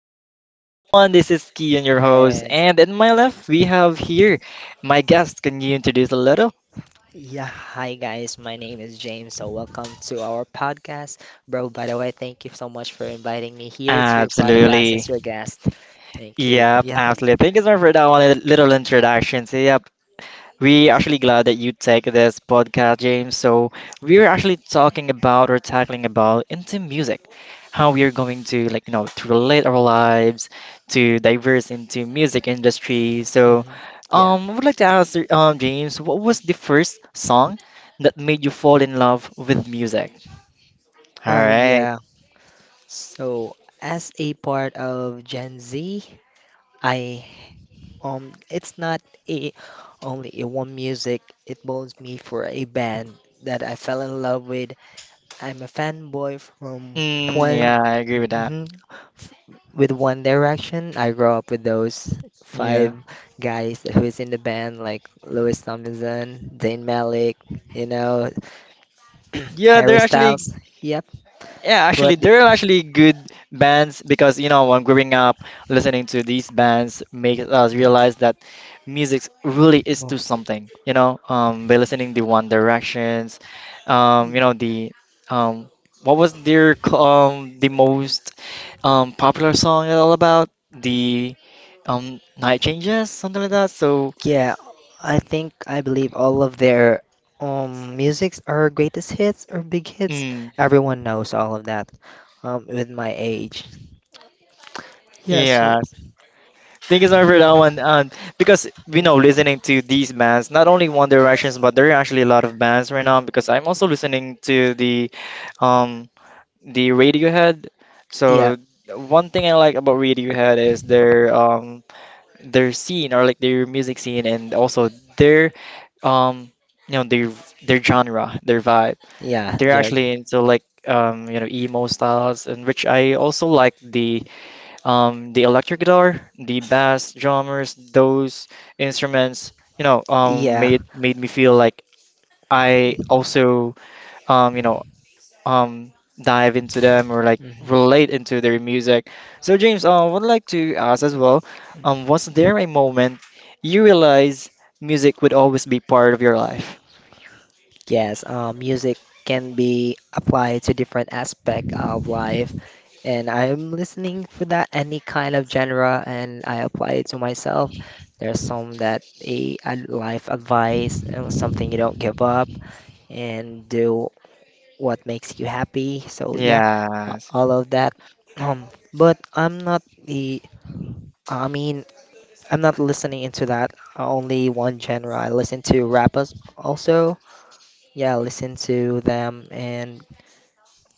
to our podcast 101. This is Kian, your host. Uh, And in my left, we have here my guest. Can you introduce a little? yeah, hi guys. My name is James. So welcome to our podcast, bro. By the way, thank you so much for inviting me here to your podcast Absolutely. as your guest. Thank you. Yep, Yeah. absolutely. Thank you so much for that one little introduction. So, yep, we actually glad that you take this podcast, James. So we're actually talking about or tackling about into music, how we are going to like to relate our lives to diverse into music industry. So Mhm. Yeah. I would like to ask James, what was the first song that made you fall in love with music? All Oh right. yeah. So as a part of Gen Z, I it's not a only a one music. It bones me for a band that I fell in love with. I'm a fanboy from Mm, one, yeah, I agree with that. hmm with One Direction. I grew up with those Yeah. five guys who's in the band, like Louis Tomlinson, Zayn Malik, you know, Yeah, they're Harry actually Styles. Yep. yeah, actually, But the- there are actually good bands because you know when growing up, listening to these bands make us yeah, realize that music really is well, to something. You know, by listening the One Directions, you know the um, what was their the most popular song at all about the Night Changes something like that. So yeah, I think I believe all of their musics are greatest hits or big hits. mm, Everyone knows all of that. With my age. Yeah. So. yeah, thank you so much for Yeah. that one. Because you know, Mm, listening to these bands, not only One Directions, but there are actually a lot of bands right now. Because I'm also listening to um, the Radiohead. yeah, So one thing I like about Radiohead is their scene or like their music scene, and also their um you know their genre, their vibe. yeah, They're Judge. actually into like you know emo styles, and which I also like the electric guitar, the bass, drummers, those instruments, you know, Yeah. made me feel like I also, you know, um, dive into them or like Mhm. relate into their music. So James, I would like to ask as well, was there a moment you realize music would always be part of your life? Yes, music can be applied to different aspect of life, and I'm listening for that any kind of genre, and I apply it to myself. There's some that a life advice, something you don't give up, and do what makes you happy. So yeah, a- Yes. all of that. But I'm not the. I mean, I'm not listening into that. Only one genre. I listen to rappers also. Yeah, I listen to them, and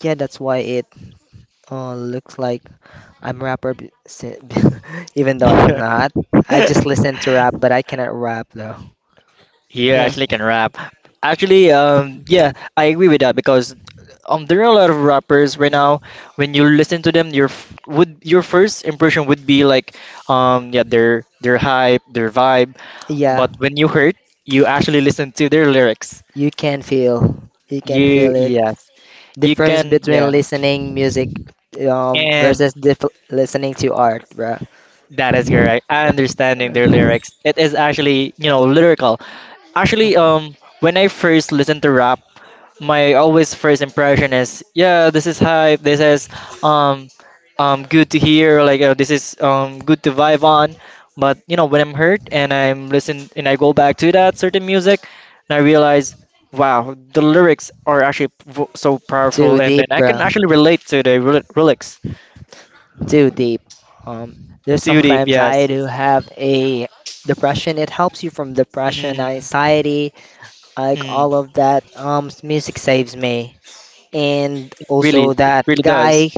yeah, that's why it looks like I'm rapper, even though I'm Yeah. not. I just listen to rap, but I cannot rap though. You Yeah, actually can rap. Actually, yeah, I agree with that because there are a lot of rappers right no. now. When you listen to them, would your first impression would be like, yeah, their hype, their vibe. Yeah, But when you heard, you actually listen to their lyrics. you can feel, you can You feel it. yes, you Difference can between yeah, listening music and versus listening to art, bruh. that is correct. I understanding their Um, lyrics. It is actually you know lyrical. Actually, when I first listen to rap, my always first impression is, yeah, this is hype. This is um, good to hear. Like this is good to vibe on. But you know, when I'm hurt and I'm listen and I go back to that certain music, and I realize, wow, the lyrics are actually so Too powerful, and deep, then I can bruh. actually relate to the lyrics. Too deep. Um, there's Too deep, sometimes I yes. do have a depression. It helps you from depression, Mm, anxiety, like all mm. of that. Music saves me, and Really, also it that really does. guy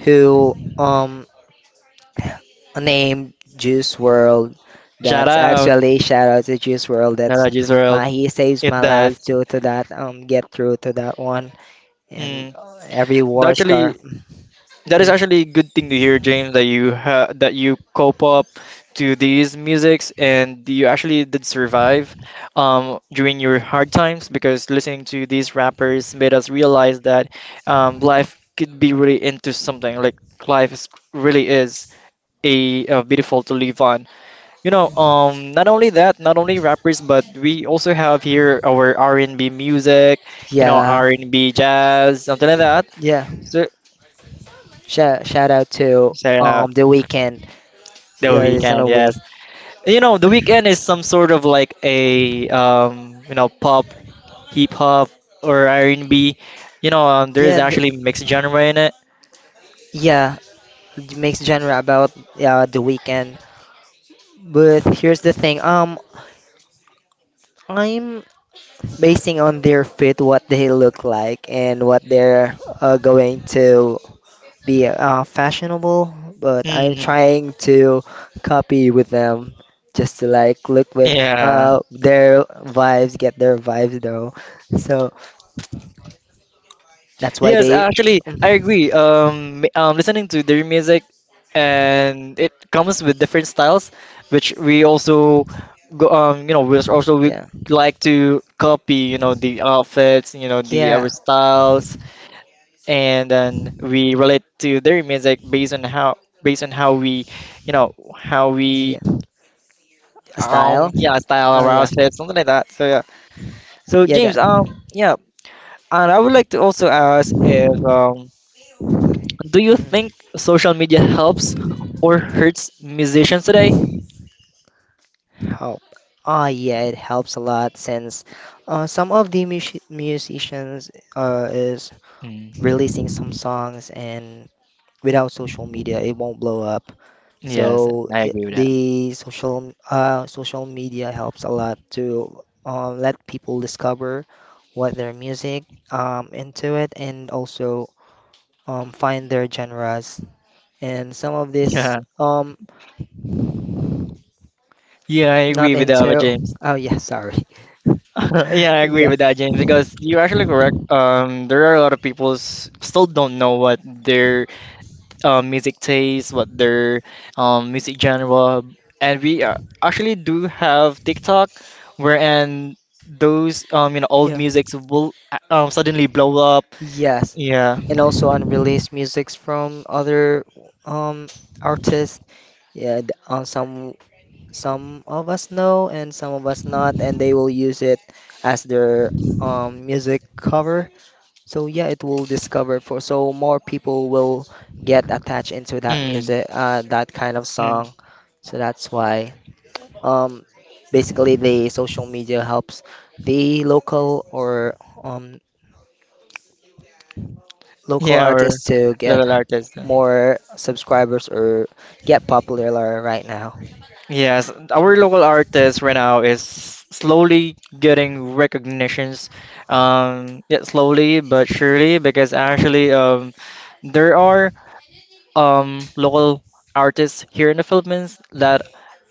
who named Juice World. Shout That's out, actually shout out to Juice World. shout That's out, Israel. He saves It my life does. due to that. Get through to that one and Mm, every that war scar. actually, that is Yeah, actually a good thing to hear, James, that you ha that you cope up to these musics and you actually did survive during your hard times because listening to these rappers made us realize that life could be really into something like life is, really is a, beautiful to live on. You know, not only that, not only rappers, but we also have here our R&B music, you know, yeah, R&B jazz, something like that. yeah. So Shout out to shout out the Weekend. the Yeah, it's in weekend, a way. yes. You know, the weekend is some sort of like a you know, pop, hip hop, or R&B. You know, there is Yeah, actually mixed genre in it. yeah, it makes genre about the Weekend. But here's the thing. I'm basing on their fit, what they look like, and what they're going to be fashionable. But I'm Mm, trying to copy with them, just to like look with yeah. Their vibes, get their vibes though. So that's why Yes, they, actually, I agree. Listening to their music, and it comes with different styles, which we also go, you know, we also we yeah, like to copy. You know, the outfits. You know, the our yeah, styles and then we relate to their music based on how we you know how we yeah. Style. yeah style Oh our yeah, outfits something like that so yeah so yeah. That. James yeah and I would like to also ask if do you think Mhm. social media helps or hurts musicians today? Help. Oh yeah, it helps a lot since some of the musicians is Mm. releasing some songs, and without social media it won't blow up. So Yes, and I agree with that. the social media helps a lot to let people discover what their music into it, and also find their genres. And some of this Yeah, yeah, I not agree with that, with into. James. Oh yeah, sorry. Yeah, I agree Yeah, with that, James, because you're actually correct. There are a lot of people still don't know what their music taste, what their music genre, and we actually do have TikTok, wherein those you know old yeah, musics will suddenly blow up. yes. Yeah. And also unreleased musics from other um artists. Yeah, some of us know and some of us not, and they will use it as their music cover. So yeah, it will discover for so more people will get attached into that Mm, music, that kind of mm. song. So that's why. Um, Basically, the social media helps the local or um, local Yeah, our artists to get local artist. more subscribers or get popular right now. Yes, our local artist right now is slowly getting recognitions. Yeah, slowly but surely, because Mm. actually, there are local artists here in the Philippines that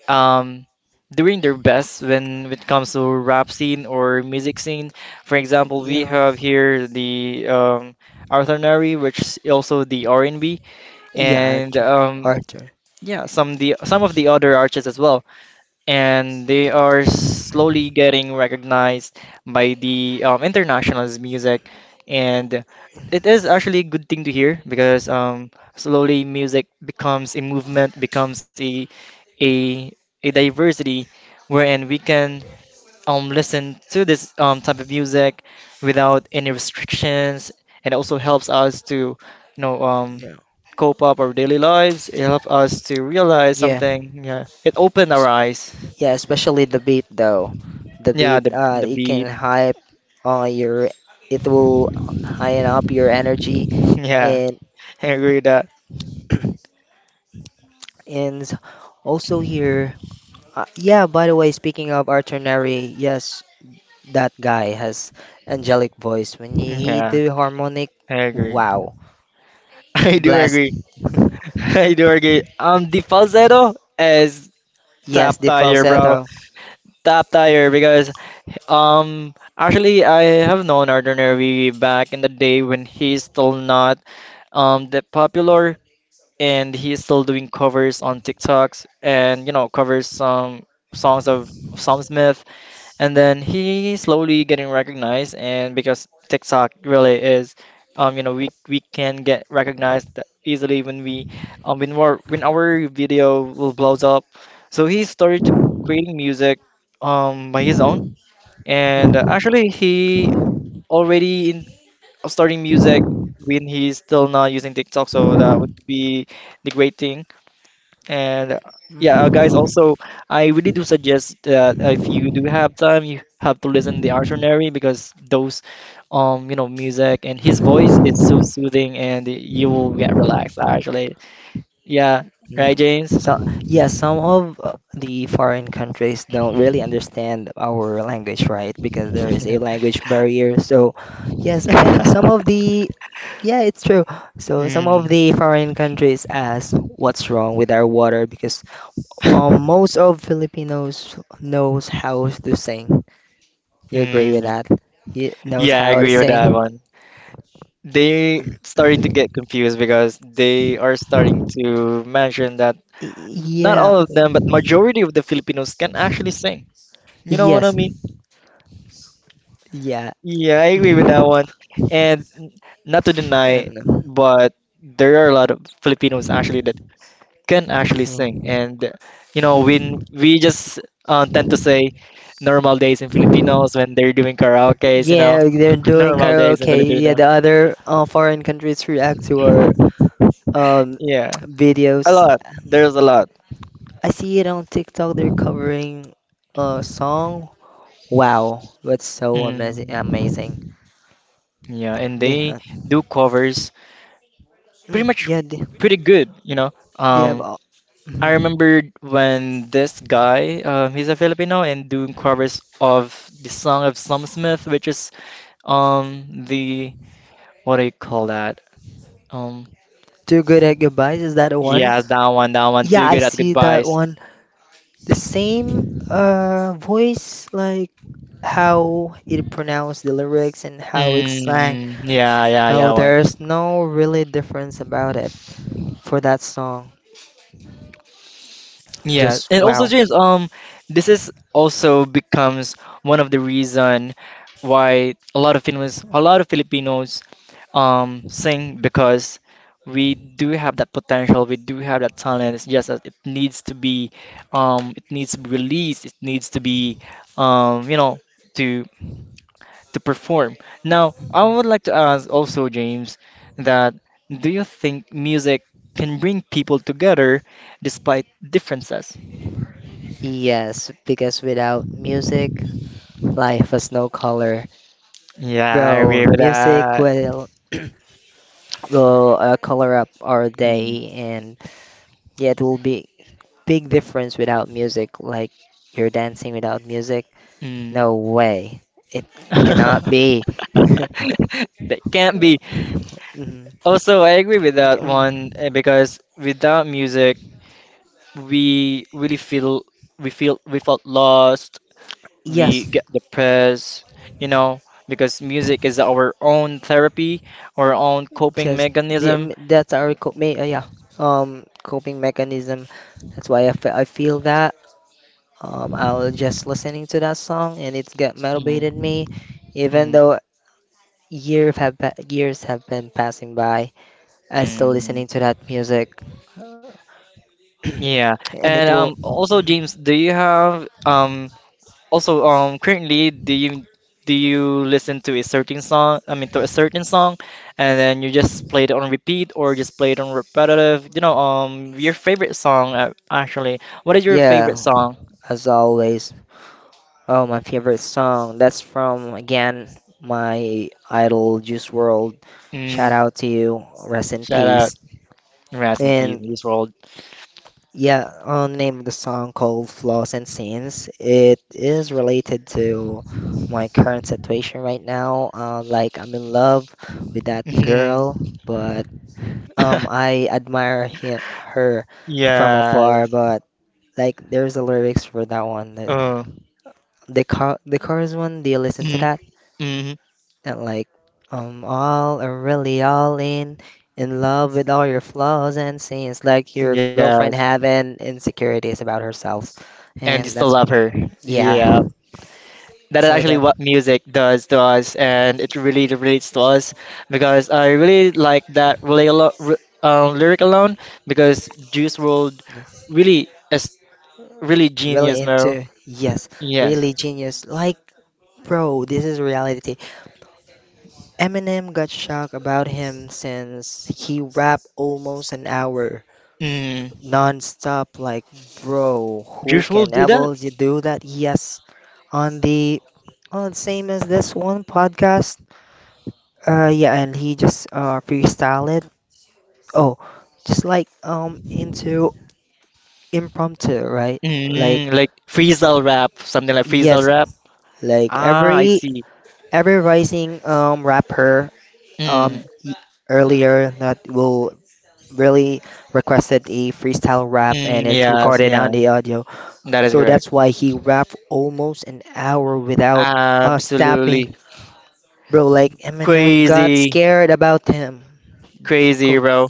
um, doing their best when it comes to rap scene or music scene. For example, we Yeah, have here the Arthur Nari, which is also the R&B, yeah, and B, and Arthur, Arthur. yeah, some the some of the other artists as well, and they are slowly getting recognized by the international's music, and it is actually a good thing to hear because slowly music becomes a movement, becomes a a diversity wherein we can listen to this type of music without any restrictions and also helps us to you know Yeah, cope up our daily lives, it helps us to realize yeah, something, yeah it opened our eyes, yeah. Especially the beat though. The yeah beat, the it can beat. hype your. It will highen up your energy Yeah, and I agree with that. and also here. Yeah, by the way, speaking of Arthur Neri, yes, that guy has angelic voice. When he Yeah, do harmonic, I agree. wow. I do Blast. agree. I do agree. The falsetto is top Yes, the tier, bro, falsetto. top tier because actually, I have known Arthur Neri back in the day when he's still not that popular, and he's still doing covers on TikToks and you know covers some songs of Sam Smith, and then he slowly getting recognized, and because TikTok really is, you know, we can get recognized that easily when we when our video will blows up, so he started creating music by his own. And Mhm. actually, he already in starting music when he's still not using TikTok, so that would be the great thing. And yeah, guys, also I really do suggest that if you do have time, you have to listen the Artonary because Mm. those, you know, music and his voice is so soothing, and you will get relaxed actually. Yeah, right, Mm. James? So, yeah, some of the foreign countries don't really understand our language, right? Because there is a language barrier. So, yes, and some of the, yeah, it's true. So, some of Mm, the foreign countries ask what's wrong with our water because most of Filipinos knows how to sing. You agree with mm. that? He knows Yeah, I how to agree with that sing. one. They starting to get confused because they are starting to mention that Y- not Yeah. all of them, but majority of the Filipinos can actually sing. You know what I Yes. mean? Yeah. Yeah, I agree with that one. And not to deny, And but there are a lot of Filipinos actually that can actually you know, sing. And you know, when we just tend to say normal days in Filipinos when they're doing karaoke's, you know, yeah, they're doing normal days in karaoke. Yeah, Filipino. the other foreign countries react to our um Yeah, a videos. lot. There's a lot. I see it on TikTok. They're covering a song. Wow, that's so amazing! Mm. Amazing. Yeah, and They they have, do covers pretty much yeah, they, pretty good, you know. they have Um, all. I Mhm. remember when this guy, he's a Filipino and doing covers of the song of Sam Smith, which is the what do you call that? Um, Too good at goodbyes. Is that the one? yeah, that one, Yeah, too I good at see that goodbyes. one. The same voice, like how it pronounced the lyrics and how it sang. Mm, yeah, yeah, yeah, Bro, one. there's no really difference about it for that song. Yeah, Just and also wow. James, this is also becomes one of the reason why a lot of Filipinos, a lot of Filipinos, sing because we do have that potential, we do have that talent. It's just that it needs to be, it needs to be released, it needs to be, you know, to to perform. Now, I Mm. would like to ask also James that do you think music can bring people together despite differences? Yes, because without music, life has no color. Yeah, I agree Bro, with music that. will will color up our Mm. day, and yeah, it will be big difference without music. Like, you're dancing without music. Mm. No way. It cannot be. That can't be. Mhm. Also, I agree with that Um, one eh, because without music, we really feel we felt lost. We Yes, get depressed, you know, because music is our own therapy, our own coping yes. Mechanism. That's our coping, yeah. Coping mechanism. That's why I feel that. I was just listening to that song, and it's got motivated Mm, me. Even mm, though years have been passing by, I still listening to mm. that music, Yeah, and it and will. Also Mhm. James, do you have also, currently, do you listen to a certain song? I mean, to a certain song, and then you just play it on repeat or just play it on repetitive? You know, your favorite song, actually. What is your favorite Yeah, song? as always. Oh, my favorite song. That's from again my idol Juice World. Shout Mm, out to you. Rest in shout out, peace. Rest in Peace, And Juice WRLD. yeah, on the name of the song called Flaws and Sins. It is related to my current situation right now. Like, I'm in love with that girl, Mhm. but I admire her from afar, Yes. but like there's the lyrics for that one. The Uh, the, car- the chorus one, do you listen to mhm, that? mhm. Not like I'm all or really all in love with all your flaws and sins. Like your girlfriend Yes. having insecurities about herself, And you and still that's what. love her. Yeah. Yeah. That is So actually that what music does to us, and it really relates to us because I really like that really lyric alone because Juice World yeah. really is really genius, Really Meryl. into yes, Yes. really genius. Like bro, this is reality. Eminem got shocked about him since he rapped almost an hour. Mm. Non-stop, like bro, who Juice World can did that. ever you do that? Yes, on the on same as this one podcast, yeah, and he just freestyle it, oh, just like into impromptu, right? Like, Mm, like freestyle rap, something like freestyle yes, rap. like Ah, I every see. every rising rapper um Mm. e- earlier that will really requested a freestyle rap, Mm, and it's yes, recorded yeah, on the audio. that is So correct. that's why he rapped almost an hour without stopping. Absolutely Bro, like Eminem got crazy, scared about him. crazy, Co- bro.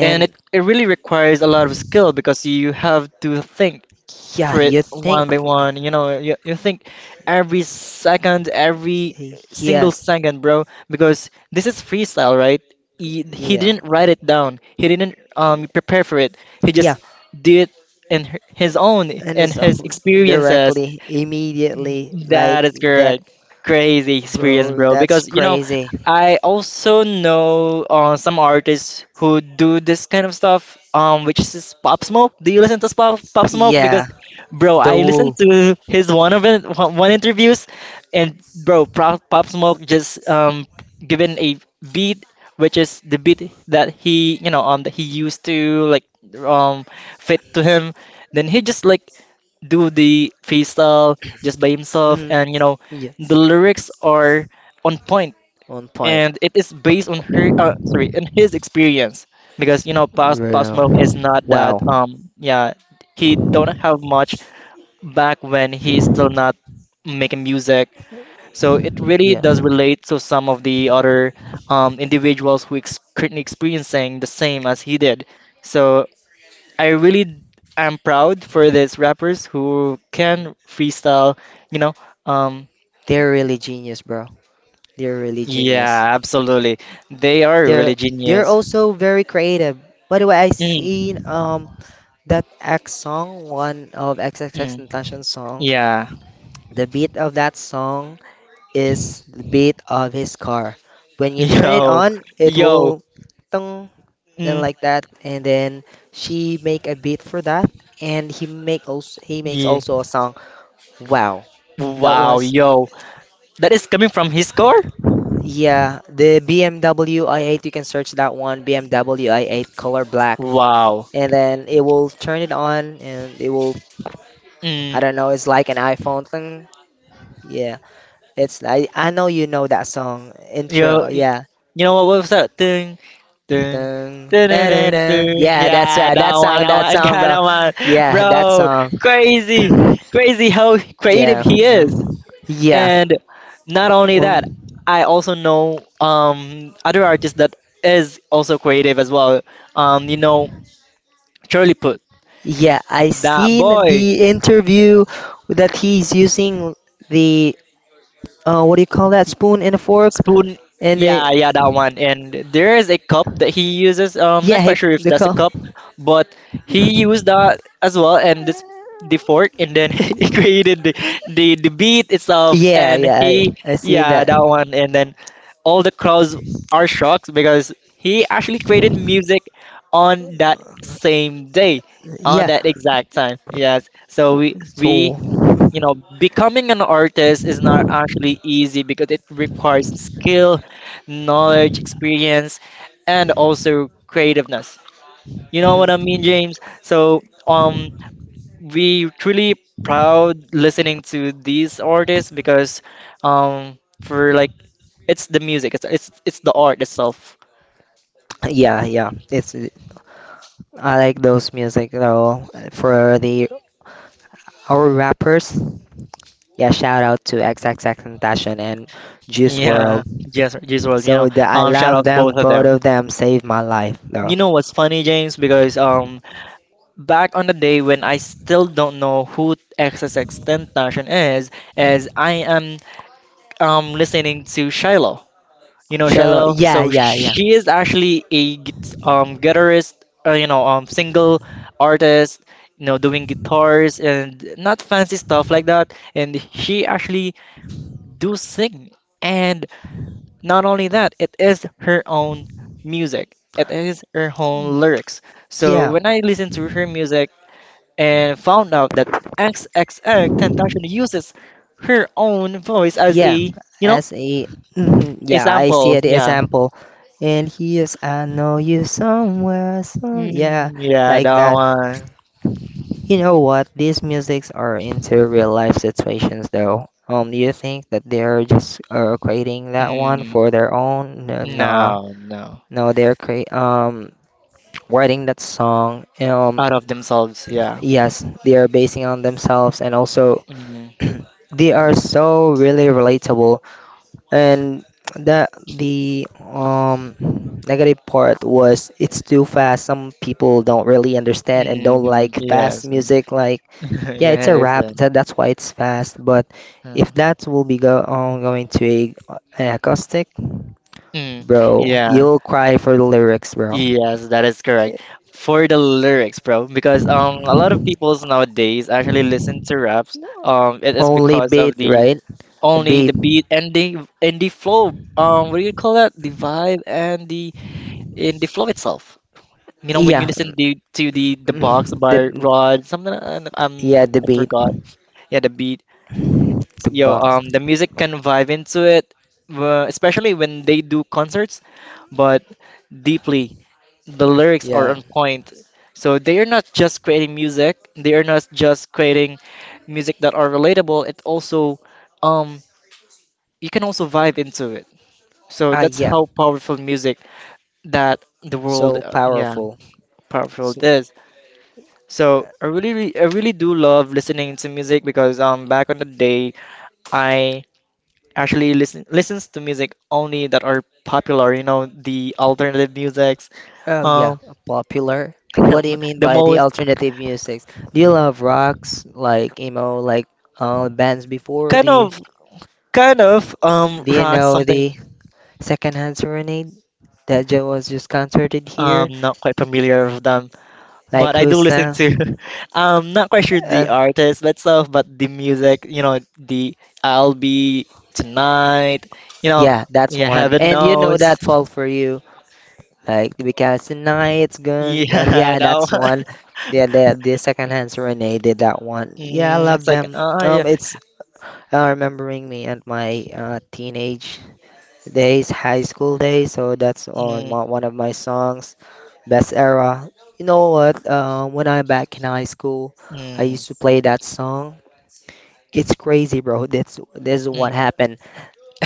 And it, it really requires a lot of skill because you have to think yeah, for it you think one by one. You know, you think every second, every single yes, second, bro, because this is freestyle, right? He yeah, didn't write it down. He didn't yeah, prepare for it. He yeah, just did in his own and and it's his almost experiences directly, immediately like that is that, correct. Crazy experience, bro. bro. That's Because you know, crazy. I also know some artists who do this kind of stuff. Which is Pop Smoke. Do you listen to Pop Smoke? Yeah, Because, bro, the I woo. listened to his one of it, one interviews, and bro, Pop Smoke just given a beat, which is the beat that he that he used to like um fit to him. Then he just like do the freestyle just by himself, Mm, and you know, yeah, the lyrics are on point, one point. and it is based on her, sorry, on his experience because you know, Pop Real. Smoke is not Wow. that, yeah, he don't have much back when he's still not making music, so it really Yeah, does relate to some of the other individuals who ex currently experiencing the same as he did. So I really am proud for these rappers who can freestyle, you know. Um, they're really genius, bro. They're really genius. yeah, absolutely. They are They're really they're genius. also very creative. By the way, I seen Mm, that X song, one of XXX mm, Tentacion's song. yeah. The beat of that song is the beat of his car. When you turn it Yo, on, it yo. will tung Mm, then like that, and then she make a beat for that, and he makes yeah. also a song. Wow, that Wow, was yo. That is coming from his core? yeah the BMW i8. You can search that one BMW i8 color black. Wow. And then it will turn it on, and it will. I Mm. don't know, it's like an iPhone thing. Yeah. It's I know you know that song intro. Yo, Yeah. you know what? What was that? Ding, ding, Dun, ding, ding, da, da, ding. da. ding. Yeah, that's Yeah, right. That That one, song, God, bro. that one, Yeah, that bro. song. Crazy, crazy how creative Yeah. he is. No. Yeah. And not only that, Um, I also know other artists that is also creative as well. You know, Charlie Puth. yeah, I That seen boy. the interview that he's using the what do you call that, spoon and a fork, Spoon. and the Yeah, yeah, that one. And there is a cup that he uses. Yeah, Not quite he, sure if the that's a call. cup, but he used that as well, and this the fork, and then he created the the beat itself, Yeah, and yeah, he I see yeah that. that one, and then all the crowds are shocked because he actually created music on that same day, on Yeah, that exact time. Yes, so we so. we you know, becoming an artist is not actually easy because it requires skill, knowledge, experience, and also creativeness. You know what I mean, Mhm. James? So, we truly proud listening to these artists because, for like, it's the music, it's the art itself. Yeah, yeah. It's I like those music though. For the our rappers, yeah, shout out to X X XXXTentacion and Juice Yeah, World. yes, yes, well, you know, So I shout love out them. both of Both them. of them saved my life though. You know what's funny, James? Because back on the day when I still don't know who XXX Tentacion is, as I am listening to Shiloh. You know Shallow, Shiloh, yeah, so yeah, yeah, she is actually a guitarist, you know single artist, you know doing guitars and not fancy stuff like that. And she actually do sing, and not only that, it is her own music. It is her own lyrics. So yeah. when I listen to her music, and found out that XXX Tentacion uses her own voice as Yeah, a, you know, as a. Mhm, a yeah, I sample. see the Yeah. example, and here's I know you somewhere, so yeah, Mm, yeah, like that that. one. You know what? These musics are into real life situations, though. Do you think that they're just creating that one Mm, for their own? No, nah, no, no. no, they're create writing that song. Out of themselves, yeah. Yes, they are basing on themselves, and also Mm, they are mm, so really relatable. And the negative part was it's too fast. Some people don't really understand and don't mm, like fast yes. music. Like, yeah, Yeah, it's I a rap. understand. That's why it's fast. But if Mm, that will be go going to a an acoustic, mm, bro, yeah, you'll cry for the lyrics, bro. yes, that is Yeah, correct. For the lyrics, bro, because a lot of peoples nowadays actually listen to raps. no. It is Only because beat, of the right? only Beat. the beat and the flow. What do you call that? The vibe and the flow itself. You know, when you Yeah. listen to the box mm, The, by Rod, something yeah, the I beat, forgot. Yeah, the beat. the Yo, box. The music can vibe into it, especially when they do concerts. But deeply, the lyrics are Yeah. on point. So they are not just creating music. They are not just creating music that are relatable. It also um you can also vibe into it. So Ah that's yeah. how powerful music that the world, So yeah, powerful. powerful it So. is. So I really, I really do love listening to music because back on the day I actually listens to music only that are popular. You know the alternative musics, Oh yeah, um popular. What do you mean the by the most alternative music? Do you love rocks like emo, like bands before kind the? of kind of Do you rock know something the Secondhand Serenade that was just concerted here? not quite familiar with them, but Like, I do who's listen that? to. I'm not quite sure Uh, the artist but stuff, but the music, you know, the I'll be tonight, you know, yeah, that's yeah, one. heaven And you know that knows. fall for you, like because tonight's gone. Yeah, Yeah, no. that's one. Yeah, the Secondhand Serenade did that one. Yeah, I Mm, love it's like, them. oh yeah. It's remembering me and my teenage days, high school days, so that's on Mm, one of my songs, Best Era. You know what? When I'm back in high school, I mm, used to play that song. It's crazy, bro. That's this is what mm. happened.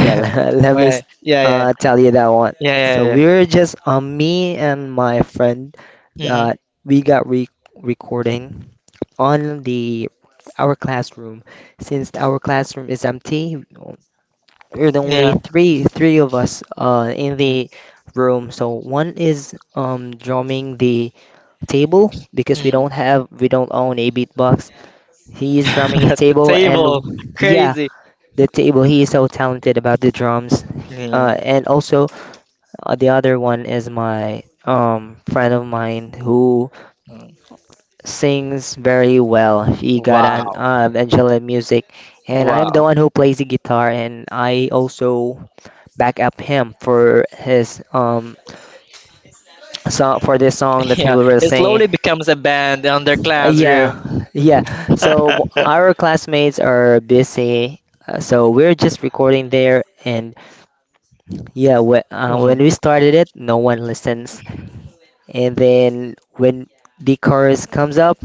Yeah, let let me Wait, yeah, yeah, tell you that one. yeah, yeah, So yeah, we were just me and my friend. yeah. Mm-hmm. Uh, we got re recording on the our classroom. Since our classroom is empty, we're the only Yeah. three of us in the room. So one is drumming the table because Mm, we don't own a beatbox. He is drumming a mm. At the table and, table, yeah, crazy. the table. He is so talented about the drums. Uh, Mm, and also, the other one is my friend of mine who mm. sings very well. He got an Wow, Angela music, and I am the wow. one who plays the guitar, and I also back up him for this song that Yeah, people were it saying. slowly becomes a band on their classroom. Yeah, yeah. So our classmates are busy, so we're just recording there. And yeah, Mhm. when we started it, no one listens. And then when the chorus comes up,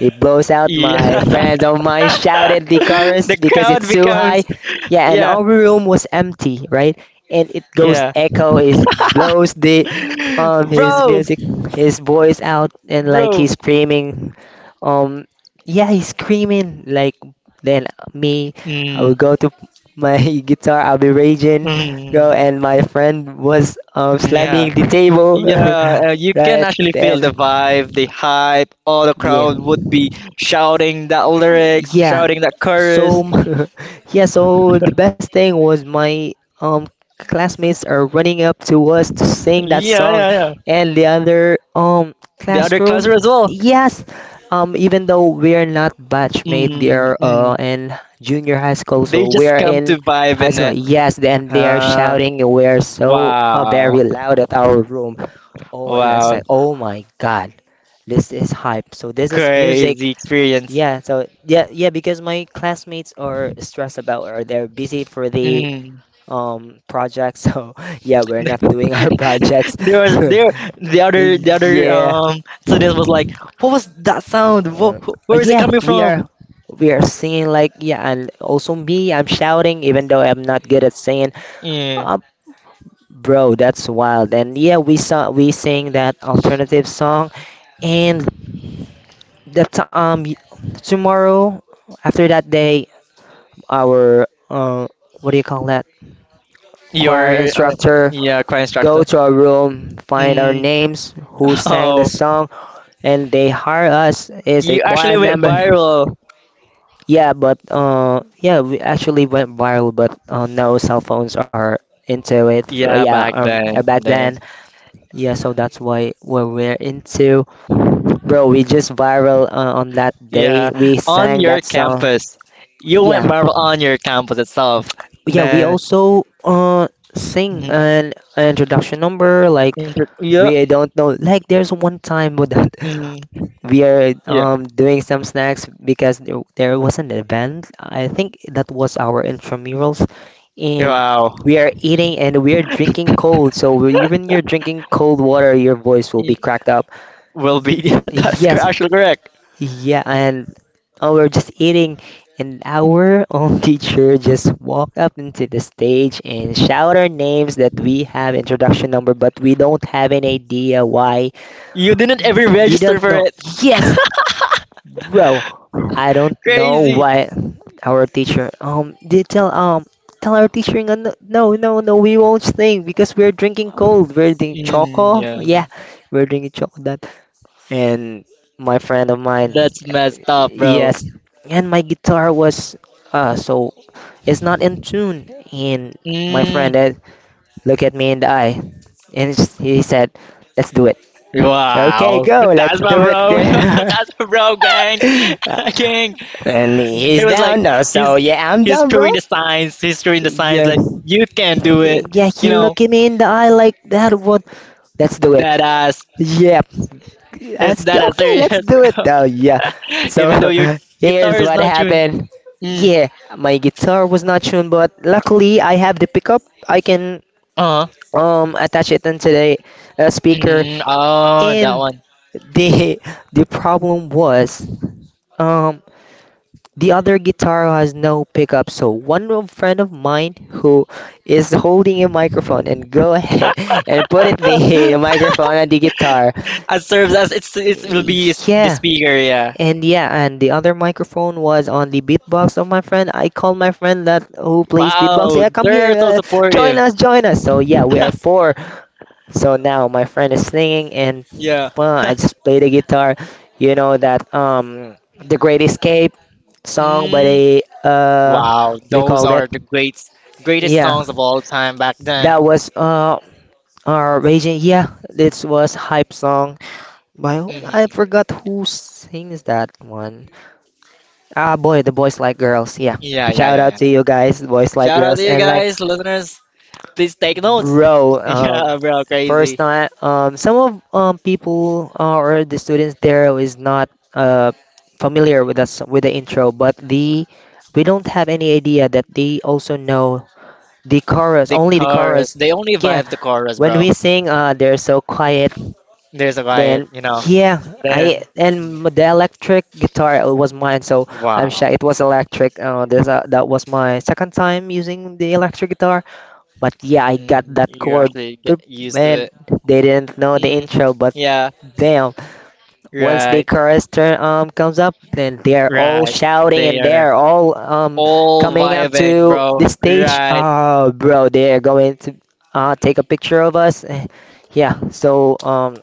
It blows out my Yeah. friend of mine shouted the chorus The because crowd it's too becomes high. Yeah, and yeah, our room was empty, right? And it goes yeah. echo, it blows the his Bro, music his voice out, and like bro. he's screaming. Um yeah, he's screaming like, then me I Mm, will go to my guitar, I'll be raging, go, mm, and my friend was yeah, slamming the table, yeah. You can right, actually feel the and vibe, the hype. All the yeah. crowd would be shouting that lyrics, Yeah. shouting that chorus. So yeah, so the best thing was my um classmates are running up to us to sing that Yeah, song, yeah, yeah. and the other The other classroom. classroom as well. Yes. Even though we're not batchmate, they Mm, are mm. in junior high school, They so just we're come to in vibe high and school. Yes, then they are ah, shouting, we're so wow, very loud at our room. Oh, and it's wow, like, oh my god, this is hype. So this is music. crazy experience. Yeah, so yeah, yeah, because my classmates are stressed about, or they're busy for the Mm. Project. So yeah, we're not doing our projects. There was the other Yeah. Student was like, what was that sound? Uh, Where is it yeah, coming we from? are we are singing like, yeah, and also me, I'm shouting even though I'm not good at singing. Yeah, Uh, Bro, that's wild. And yeah, we sang that alternative song. And that um y- tomorrow, after that day, our what do you call that? Choir your instructor yeah, choir go instructor. to our room, find our Mm. names, who sang the Oh, song, and they hire us as a you choir actually went member. viral. Yeah, but yeah, we actually went viral, but no cell phones are into it. Yeah, Yeah, back back then then, yeah, so that's why what we're into, bro. We just viral on that day. yeah, We on sang your that song. campus, you went Yeah, viral on your campus itself. yeah, we Then also sing mhm. an introduction number like, Inter- Yeah. we don't know. Like, there's one time with that, Mm. we are Yeah. Doing some snacks because there was an event. I think that was our intramurals, and Wow. we are eating, and we are drinking cold, so even you're drinking cold water, your voice will be Y- cracked up. Well, be that's Yes, actually correct. yeah, and, oh, we're just eating, and our own teacher just walked up into the stage and shout our names that we have introduction number, but we don't have any idea why. You didn't ever You register don't for know. it. Yes, bro. I don't know Crazy. why our teacher, did tell tell our teacher, no no no no no, we won't sing because we're drinking cold. We're drinking Mm, choco. Yeah, yeah. we're drinking choco, and my friend of mine, That's messed up, bro. yes, and my guitar was so it's not in tune. And my Mm. friend, looked at me in the eye and he said, let's do it. Okay, Wow. go, let's That's my do it. bro. That's my bro, gang. Gang. And It he's was down like now, he's so yeah, I'm he's down, bro. throwing the signs. He's throwing the signs Yeah, like you can do it. yeah, You he know looked at me in the eye like that. What? Let's do it. that ass. Yep. Is Yes, that a okay, let's serious, do it bro? though. Yeah. Even though So your guitar here's is what not tuned. happened. Mm. Yeah, my guitar was not tuned, but luckily I have the pickup. I can Uh-huh. Attach it into the speaker. Mm, oh, that And one. the the problem was, um the other guitar has no pickup. So friend of mine who is holding a microphone and go ahead and put it the microphone on the guitar. It serves as it will be the Yeah. speaker, yeah. And yeah, and the other microphone was on the beatbox of my friend. I called my friend that who plays beatbox. Wow, Yeah, come they're here, so join supportive. us, join us. So yeah, we are four. So now my friend is singing, and Yeah. well, I just play the guitar. You know that, the Great Escape song by Mm, the, wow, what do you those call that? are the great greatest Yeah, songs of all time back then. that was our raging. Yeah, this was hype song I Hmm. forgot who sings that one. Ah, boy, the Boys Like Girls. Yeah. Yeah, yeah, Shout yeah, out yeah, to yeah. you guys, Boys Like Shout out to Girls, you and like, guys, listeners. Please take notes. bro. Yeah, bro, First crazy. time. Some of people, or the students there is not uh familiar with us, with the intro, but the we don't have any idea that they also know the chorus. The Only the chorus. chorus. They only Yeah. vibe the chorus, When bro. we sing, they're so quiet. There's a riot, Then you know. yeah, I, Then, mm, and the electric guitar was mine, so I'm wow, shy. It was electric. This That was my second time using the electric guitar, but yeah, I got mm, that you chord, actually boop, get used to and it. they didn't know the Mm, intro, but yeah, damn, once the right, chorus turn comes up, then they are all right. shouting, They and they are are all all coming up vibing, to bro. the stage. Right. Oh, bro, they are going to take a picture of us. Eh, yeah, so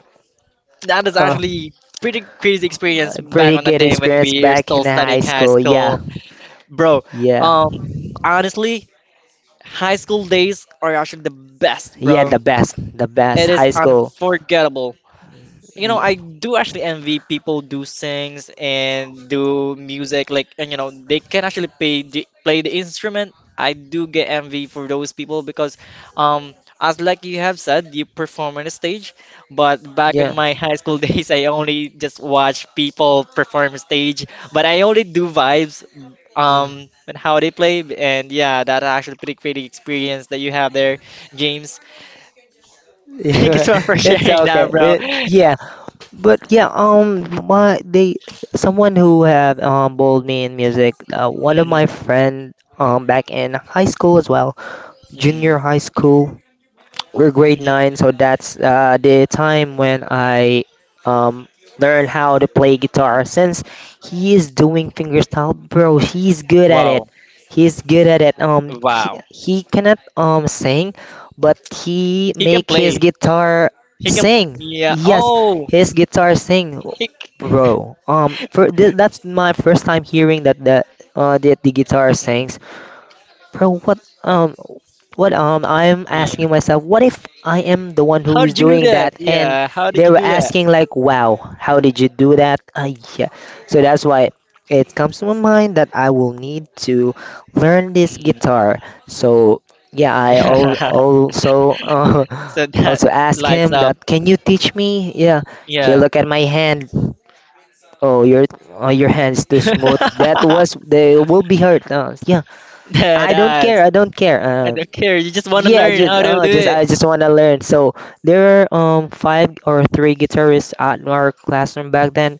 That is uh actually pretty crazy experience back pretty on the good day when experience we are back still in high studying high school. Yeah, school, bro. yeah, Um, honestly, high school days are actually the best, yeah, bro. The best It is high school. unforgettable. You know, Yeah, I do actually envy people do sings and do music like and you know they can actually play the instrument. I do get envy for those people because um as like you have said, you perform on a stage, but back in yeah. my high school days, I only just watch people perform stage, but I only do vibes Mm. And how they play and yeah, that actually pretty pretty experience that you have there, James. Thank you so much for It's sharing that, okay. bro. Yeah. But yeah, my they someone who have bowled me in music. One of my Mm, friend back in high school as well, junior mm. high school, we're grade Mm. nine, so that's the time when I um learn how to play guitar. Since he is doing fingerstyle, bro, he's good at it. Wow, He's good at it. He wow. he cannot sing, but he He can make his play. guitar He can. sing. Yeah. Yes, Oh, his guitar sing, he. C- bro. For that's my first time hearing that, the that the guitar sings. Mm. From what I'm Yeah. asking myself, what if I am the one who How is did you do doing that? that? And Yeah. How did they you were do that? asking like, "Wow, how did you do that?" Yeah. So that's why it comes to my mind that I will need to learn this Mm. guitar. So yeah, I al- Yeah. also So that also ask lights him up. that, "Can you teach me?" Yeah. He Yeah. look at my hand. Oh, your oh, your hands too smooth. That was they will be hurt. Yeah, That I don't care. That's. I don't care. I don't care. You just want to Yeah, I learn just how to do it. I just want to learn. So there were five or three guitarists at our classroom back then,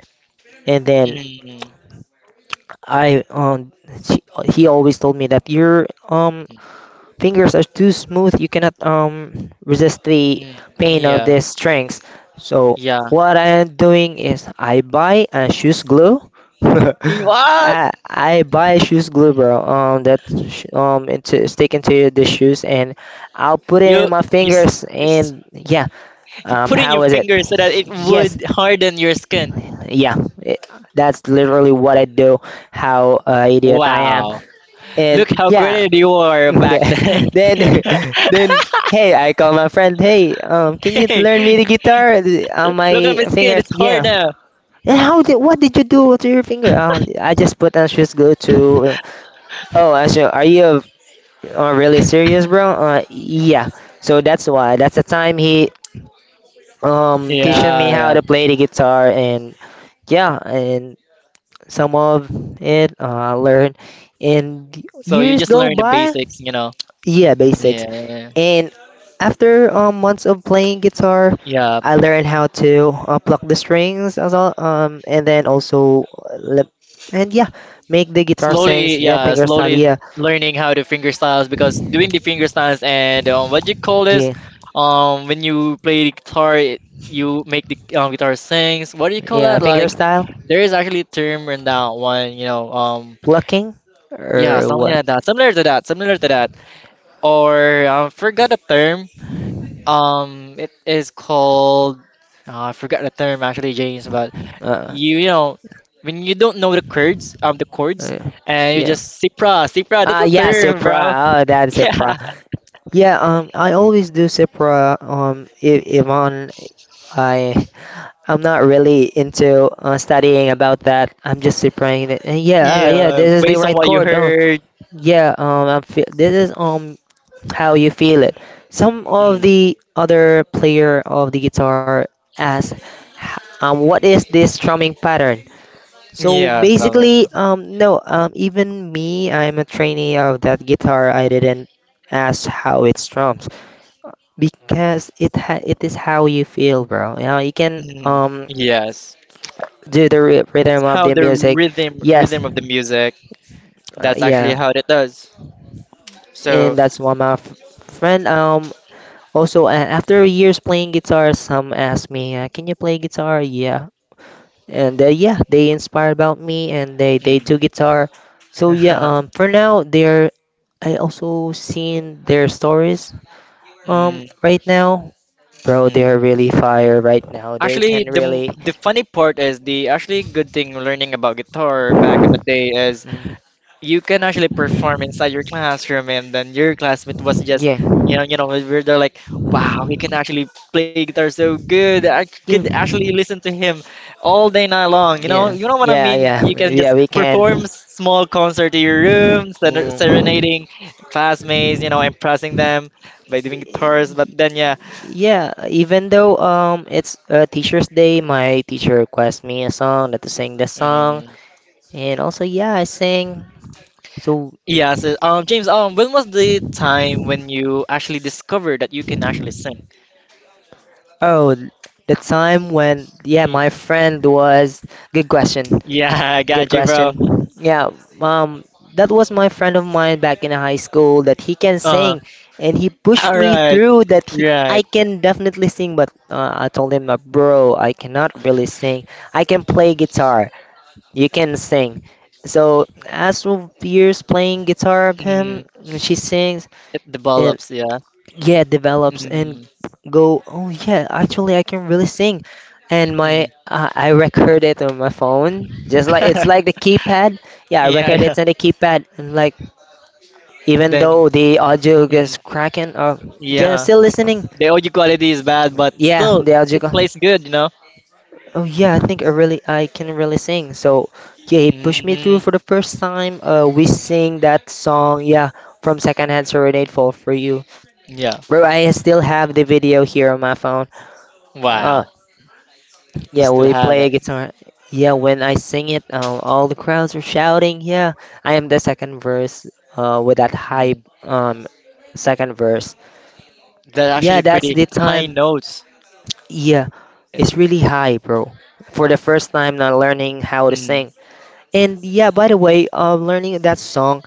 and then Mm. I um she, he always told me that you're Mm. fingers are too smooth, you cannot resist the Mm. pain of Yeah. the strings. So Yeah. what I am doing is I buy a shoes glue. What? I buy shoes glue, bro, that into stick into the shoes, and I'll put it in You my you s- fingers, s- and yeah, you put in your how is it. finger so that it Yes, would harden your skin. yeah, it, that's literally what I do. How, idiot I am. Wow. Look And how yeah, great you were back then. then then hey, I call my friend. Hey, can you Hey, learn me the guitar on look at my my skin. fingers? It's hard Yeah. now. And how did what did you do to your finger? I just put on shoes glue to. Oh, Asher, are you, really serious, bro? Yeah. So that's why. That's the time he teaching me Yeah, how yeah. to play the guitar, and yeah, and some of it, I learned. And So you years just go learn the by. basics, you know. Yeah, basics. Yeah, And after, months of playing guitar, yeah. I learned how to, pluck the strings as well, and then also, lip, and yeah, make the guitar sings. Slowly, Yeah, yeah, finger style. slowly Yeah, learning how to finger styles because doing the finger styles and what you call this, yeah, when you play the guitar, it, you make the guitar sings. What do you call yeah, that? finger Like, style, there is actually a term in that one, you know. Plucking, Yeah, or something what? like that. Similar to that. Similar to that. Or I forgot the term. It is called I forgot the term actually, James. But Uh, you know when you don't know the chords, uh and you yeah. just Cipra, Cipra. That's Ah, a yeah, term, Cipra. bro. Oh, that's Cipra. Yeah, Yeah, I always do Cipra. If on I I'm not really into, studying about that. I'm just praying that, "Eh, yeah, yeah, yeah. this is the Based on right what you chord. Oh, heard. yeah, this is how you feel it." Some of Mm. the other player of the guitar ask, "What is this strumming pattern?" So Yes, basically, no, even me, I'm a trainee of that guitar. I didn't ask how it strums because it is how you feel, bro. You know, you can mm, yes. do the It's rhythm of how the the music. rhythm Yes, rhythm of the music. That's actually yeah, how it does. So. and that's one my friend. Also after years playing guitar, some asked me, "Can you play guitar?" Yeah, and yeah, they inspired about me, and they do Mm. guitar. So yeah, for now they're. I also seen their stories. Mm, Right now, bro, mm. they're really fire right now. They Actually, can really, the funny part is the actually good thing learning about guitar back in the day is mm, you can actually perform inside your classroom, and then your classmate was just, yeah, you know, we're they're like, wow, he can actually play guitar so good. I could yeah, actually listen to him all day night long. Yeah, You know what I yeah, mean? yeah, You can yeah. just We perform can. Small concert in your room, Mm. serenading classmates, you know, impressing them by doing guitars. But then, yeah. Yeah, even though it's Teacher's Day, my teacher requests me a song that to sing the song, Mm. and also yeah, I sing. So Yeah, so James, when was the time when you actually discovered that you can actually sing? oh, the time when yeah, Y- my friend was good question, Yeah, I good got you, bro. question. Yeah, um, that was my friend of mine back in high school that he can Uh-huh. sing, and he All pushed me right. through that he I Right. can definitely sing, but I told him, bro, I cannot really sing. I can play guitar. You can sing. So as of years playing guitar of Mm, him, she sings it and develops, yeah. yeah, develops and Mm, go. Oh yeah, actually I can really sing. And my mm. I record it on my phone, just like it's like the keypad. Yeah, I Yeah, record yeah. it on the keypad, and like even Then, though the audio gets mm, cracking, or just yeah. still listening. The audio quality is bad, but Yeah, still, the it audio. plays good, you know? Oh yeah, I think I can really sing. So yeah, he pushed me through Mm, for the first time. We sing that song, yeah, from Secondhand Serenade Fall for You. yeah. Bro, I still have the video here on my phone. Uh, Wow. You yeah, still we have play a it. guitar. Yeah, when I sing it, all the crowds are shouting. Yeah, I am the second verse. With that hype. Mm. Second verse. That's Yeah, actually that's pretty the high time. notes. Yeah, It- it's really high, bro. For the first time, not learning how to Mm, sing. And yeah, by the way, learning that song,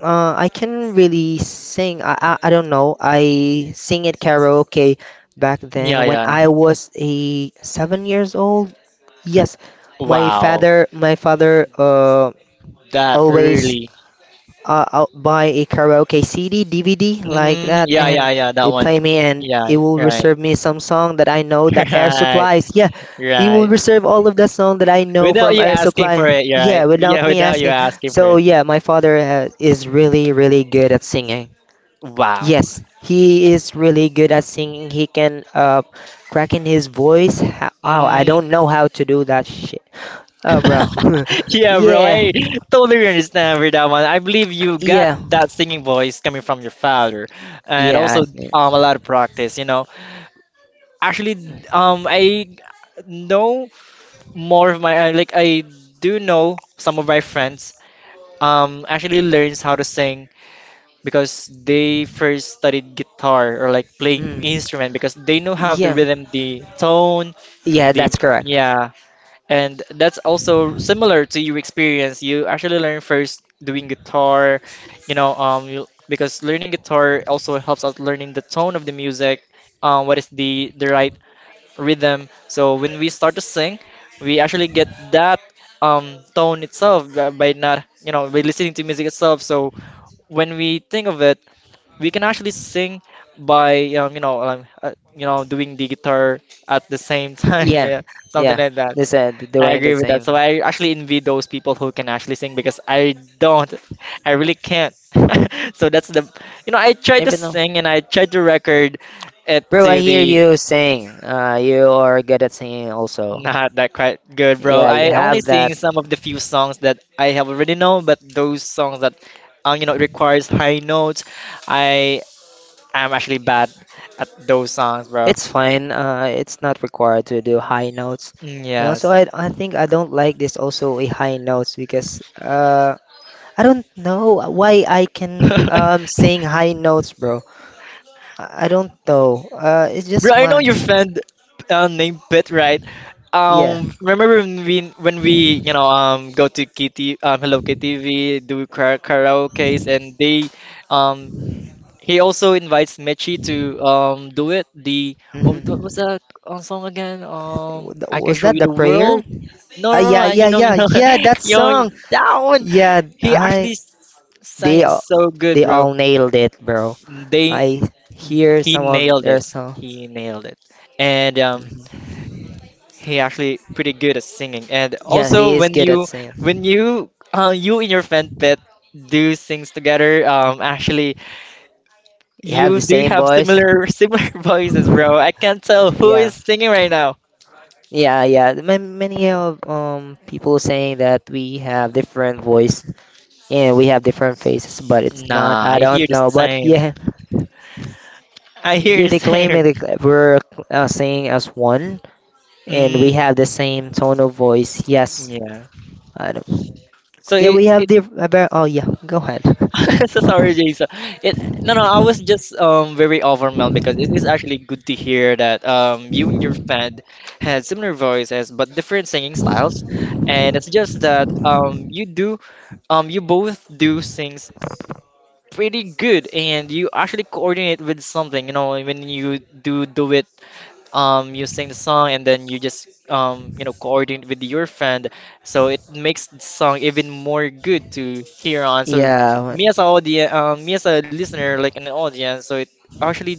I can really sing. I don't know. I sing it karaoke back yeah, then when yeah. I was a 7 years old. Yes, my Wow, father my father that always early. I'll buy a karaoke CD, DVD like Mm, that, yeah, yeah, and yeah, that they one. play me, and Yeah, it will right, reserve me some song that I know that Air right, Supplies. Yeah, it will right. reserve all of the song that I know Without from you Air asking for Supply. it, Yeah, right? without Yeah, me without you asking. asking for So it. yeah, my father is really really good at singing. Wow. Yes, he is really good at singing. He can crack in his voice. Oh, I Mm. don't know how to do that shit. Oh, bro. Yeah, bro, yeah, I totally understand with that one. I believe you got yeah, that singing voice coming from your father, and yeah. I also think. A lot of practice. Actually, I know more of my like I do know some of my friends actually learns how to sing because they first studied guitar or like playing Mm. instrument because they know how to Yeah, rhythm the tone yeah, the that's correct. yeah, and that's also similar to your experience. You actually learn first doing guitar, you know, because learning guitar also helps out learning the tone of the music, what is the right rhythm. So when we start to sing, we actually get that tone itself by, not, you know, by listening to music itself. So when we think of it, we can actually sing by, you know, doing the guitar at the same time, Yeah, yeah, something yeah, like that. they said I doing agree the with that. So same. I actually envy those people who can actually sing because I really can't. So you know, I tried to Even though, sing and I tried to record it bro, I to hear the. you saying, you are good at singing also. Not that quite good, bro. Yeah, I you only have that. sing some of the few songs that I have already know, but those songs that you know requires high notes, I am actually bad at those songs, bro. It's fine. It's not required to do high notes. Mm, You know, yes. so I think I don't like this also a high notes because I don't know why I can sing high notes, bro. I don't know. It's just Bro, I know my your friend named Pit, right? yeah. Remember when we you know go to Kitty Hello KTV do karaoke's and they um he also invites Michi to do it. The oh, what Hmm. was that song again? I can Was show that you the the prayer? world. No, no, Yeah, no. yeah, You yeah, know, yeah. That you know song. that one. Yeah, He I actually sang they it all so good, they bro. all nailed it, bro. They I hear he some of nailed their it. song. He nailed it, and Mhm. he actually pretty good at singing. And Yeah, he also is good at when singing. you you and your friend Pet do sings together, actually You have you the do same have voice. similar similar voices, bro. I can't tell who Yeah, is singing right now. yeah, yeah. Many of people saying that we have different voice and we have different faces, but it's not. Nah, I I hear don't the know, but same. yeah, I hear the dude, they same. claim it. Like, we're singing as one, and Mm, we have the same tone of voice. Yes, yeah. I don't. So Yeah, it we have it the about. Oh yeah, go ahead. so sorry, Jason. It no no. I was just very overwhelmed because it is actually good to hear that you and your friend had similar voices but different singing styles, and it's just that you do you both do sings pretty good, and you actually coordinate with something, you know, when you do it, you sing the song and then you just, you know, coordinate with your friend, so it makes the song even more good to hear on. So Yeah, well, me as a audience, me as a listener like an audience, so it actually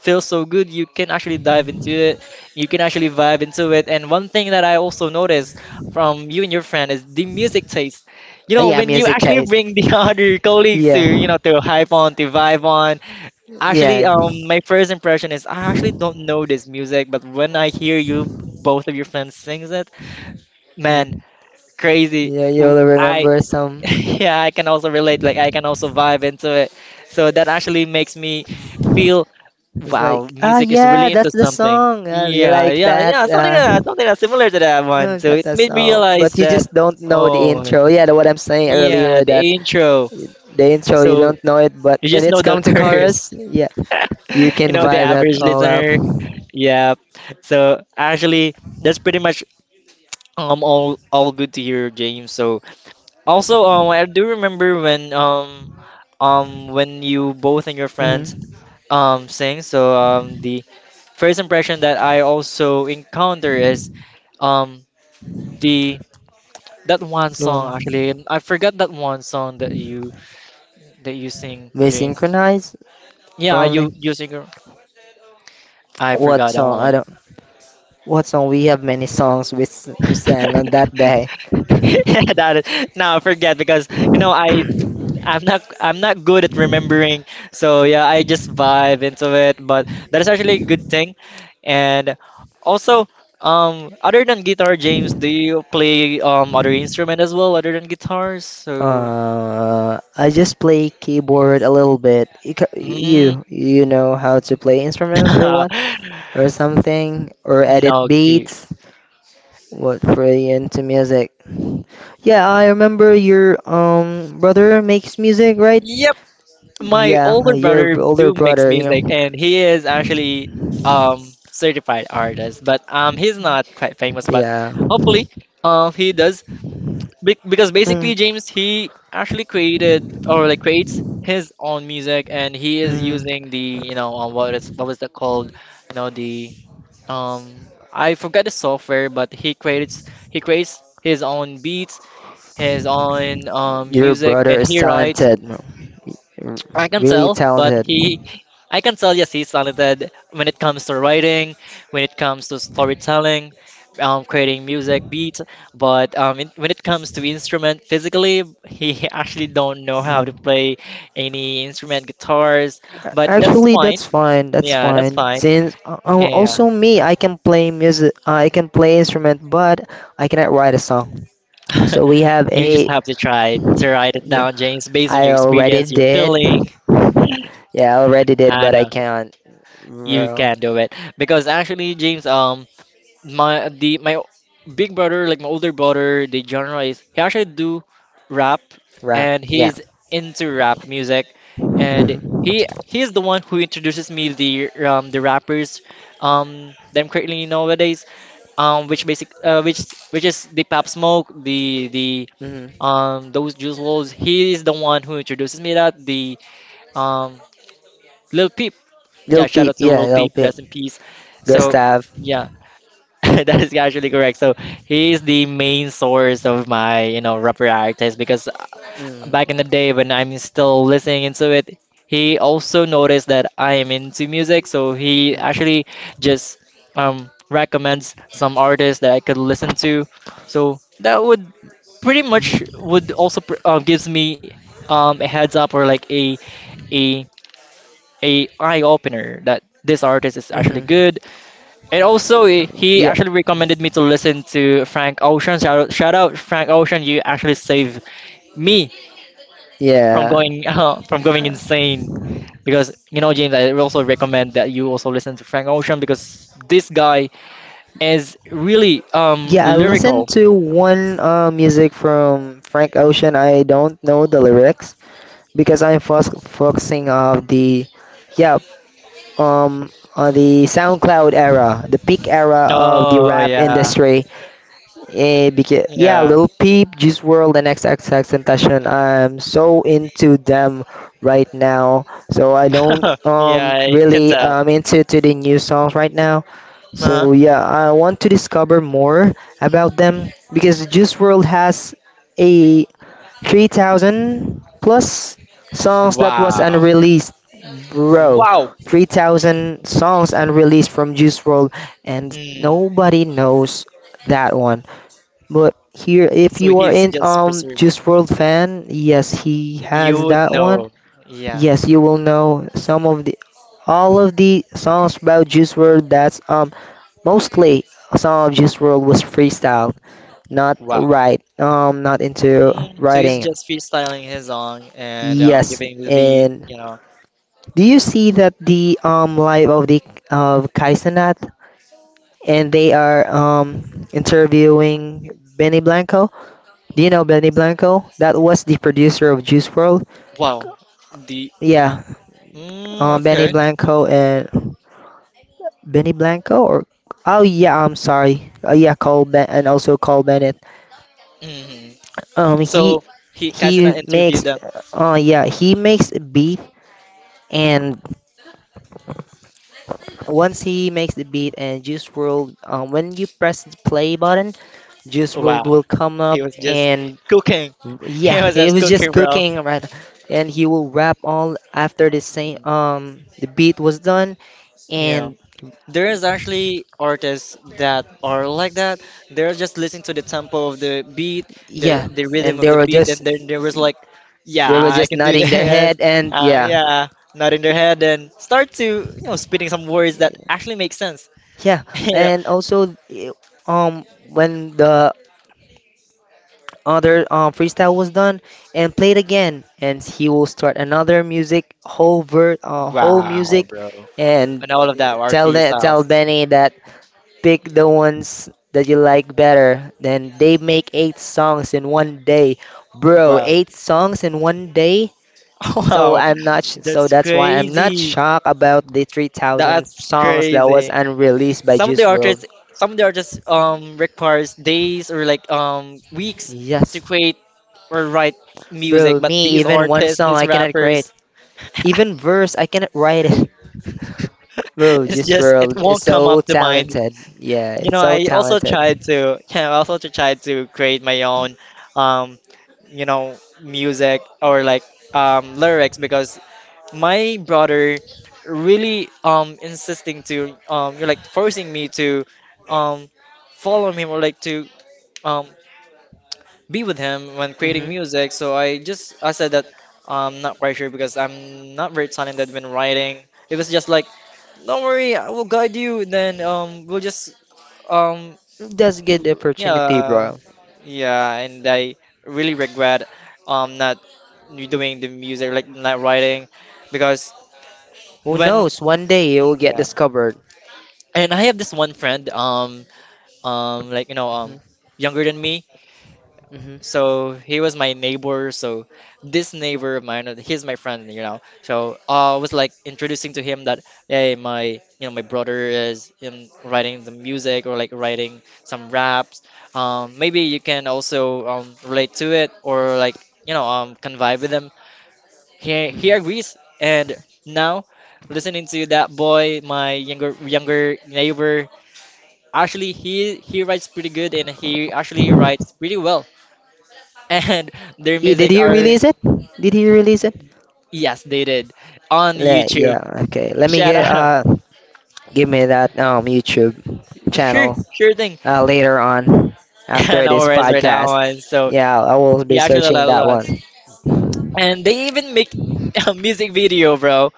feels so good. You can actually dive into it, you can actually vibe into it. And one thing that I also noticed from you and your friend is the music taste, you know, yeah, when you music actually taste. bring the other colleagues to, Yeah, you know, to hype on, to vibe on. yeah, Actually, my first impression is I actually don't know this music, but when I hear you, both of your friends sings it, yeah. man, crazy. Yeah, W- you'll I, remember some. yeah, I can also relate. Like I can also vibe into it. So that actually makes me feel, It's wow, like, ah, music is yeah, really that's into the something. song. You Yeah, like yeah, that? yeah, something like that, something that's similar to that No, one. it's So not it that made me song. But realize you just that, don't know the intro. oh, Yeah, the, what I'm saying earlier yeah, that the intro. the intro you So don't know it, but you when just know it's the come to curse. chorus, yeah, you you can know, the vibe that average all up. listener. Yeah. So actually, that's pretty much all good to hear, James. So also I do remember when you both and your friends Mm-hmm. Sing. So the first impression that I also encounter is um the that one The song actually, one and I forgot that one song that you sing, we James. synchronize or Yeah, you only you sing. I what forgot that song? I one. don't. What song? We have many songs we sang on yeah, that day. that is, no, I forget because you know I'm not I'm not good at remembering. So yeah, I just vibe into it, but that is actually a good thing. And also, other than guitar, James, do you play other instrument as well other than guitars? So I just play keyboard a little bit. You, mm, you you know how to play instruments or no, what or something or edit no key. beats. What for you into music? Yeah, I remember your brother makes music, right? My Yeah, older your brother older do makes brother. You know. music, and he is actually certified artist, but he's not quite famous, but Yeah. hopefully he does. Be because basically, Mm, James, he actually created or like creates his own music, and he is mm. using the, you know, what is what was that called? No, the um I forgot the software, but he creates his own beats, his own Your music, brother and is he writes. talented. r- I can Really tell, but talented. he, I can tell, yes, he's talented when it comes to writing, when it comes to storytelling, creating music, beat. But when it comes to instrument, physically, he actually don't know how to Mm. play any instrument, guitars. But that's Actually, fine. that's fine. That's Yeah, that's fine. fine. Since Yeah, also me, I can play music. I can play instrument, but I cannot write a song. So we have you just a have to try to write it yeah. down, James, based on I your already experience, your did. feeling. Yeah, I already did, I but I know can't you uh, can do it because actually, James, my the my o- big brother, like my older brother, the genre is he actually do rap, rap. and Yeah. he's into rap music, and Mm. he is the one who introduces me the rappers that I'm currently nowadays, which basic which is the Pop Smoke, the Mm. Those Juice WRLDs. He is the one who introduces me that the um Lil Peep, Lil yeah, shout Peep. out to Yeah, Lil Lil Peep, Peep. rest in peace. So Gustav. yeah. That is actually correct. So he is the main source of my, you know, rapper artist because Mm. back in the day when I'm still listening into it, he also noticed that I am into music, so he Mm. actually just recommends some artists that I could listen to. So that would pretty much Mm-hmm. would also pr gives me a heads up or like a a eye opener that this artist is actually Mm-hmm. good. And also, he Yeah. actually recommended me to listen to Frank Ocean. Shout out Frank Ocean! You actually saved me from Yeah. going from going insane. Because you know, James, I also recommend that you also listen to Frank Ocean because this guy is really Yeah, I listened lyrical. to one music from Frank Ocean. I don't know the lyrics because I'm focusing on the yeah um on the SoundCloud era, the peak era of the Oh rap yeah, industry. Eh, because yeah, yeah, Lil Peep, Juice World, and XXX Tentacion. I'm so into them right now. So I don't yeah. I can really tell. Into to the new songs right now. So Uh-huh. yeah, I want to discover more about them because Juice World has a 3,000 plus songs that was Wow, unreleased, bro. wow. 3,000 songs unreleased from Juice World, and Mm. nobody knows that one. But here, if So you are he's in just preserving it. Juice World fan, yes, he You has would that one. know. Yeah. Yes, you will know some of the all of the songs about Juice World. That's mostly some of Juice World was freestyle, not Wow. right. Not into Mm. So he's writing. just freestyling his song and, Yes, giving the beat, and you know. do you see that the live of the of Kaisanat and they are interviewing Benny Blanco? Do you know Benny Blanco? That was the producer of Juice World. Wow. The Yeah, mm, Benny okay. Blanco and Benny Blanco or oh yeah, I'm sorry. Yeah, and also Cole Bennett. Hmm. Um, he So he, Kazuna he interviewed makes them. Yeah he makes a beat and once he makes the beat and Juice World when you press the play button, Juice World Wow. will come up He was just and cooking. He yeah was he just was just cooking, bro. cooking right and he will rap all after the same Mhm. The beat was done Yeah. and There is actually artists that are like that. They're just listening to the tempo of the beat, the yeah, the rhythm and of they the were beat, and just then they was like, "Yeah, they were I just can do nodding their this." head, and yeah, yeah, not in their head, and start to, you know, spitting some words that actually make sense. yeah, you know, and also eh, um when the other freestyle was done and played again, and he will start another music whole wow, music, bro, and and all of that tell RP that tell styles. Benny that pick the ones that you like better. Then they make 8 songs in one day, bro. Wow, 8 songs in one day. So wow, I'm not sh- so that's that's why I'm not crazy. shocked about the 3,000 That's songs that was crazy. unreleased by Some of the Juice World. artists, some of the artists requires days or like weeks to Yes, create or write music, bro, but me these even one artists, song these I cannot create, rappers, even verse I cannot write it. Bro, it's Juice just it World is won't come so up to mind. talented. Yeah, You it's know, so I also talented. tried to yeah, I also to try to create my own um you know music or like lyrics because my brother really insisting to you're like forcing me to um follow him or like to um be with him when Mhm. creating music. So I just I said that I'm not quite sure because I'm not very talented when writing. It was just like, don't worry, I will guide you, then we'll just um That's good opportunity, yeah, bro. yeah. And I really regret not doing the music, like not writing, because Who when. knows? One day you will get Yeah. discovered. And I have this one friend, like, you know, younger than me. Hmm. So he was my neighbor. So this neighbor of mine, he's my friend, you know. So I was like introducing to him that, hey, my, you know, my brother is in writing the music or like writing some raps. Maybe you can also relate to it or like, convive with him. He Mm. he agrees. And now listening to that boy, my younger neighbor, actually, he writes pretty good and he actually writes pretty well. And their Yeah, did music he are release it? Did he release it? yes, they did on YouTube. Yeah, okay. Let me Shout get out. Give me that YouTube Sure, channel sure thing. Later on after And no this worries for that podcast. one. So Yeah, I will he be actually a searching lot of that lots. one. And they even make a music video, bro.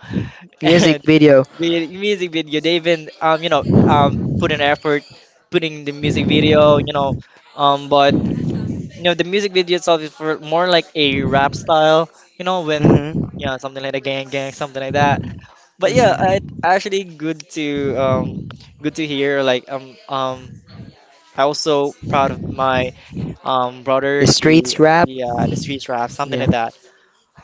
Music And video. the music video, they even put an effort putting the music video, but You know, the music video itself is for more like a rap style, you know, Mhm. Something like a gang gang, something like that. But yeah, it Mhm. actually good to good to hear. Like I also proud of my The brother. streets He rap. yeah, the street rap, something Yeah. like that.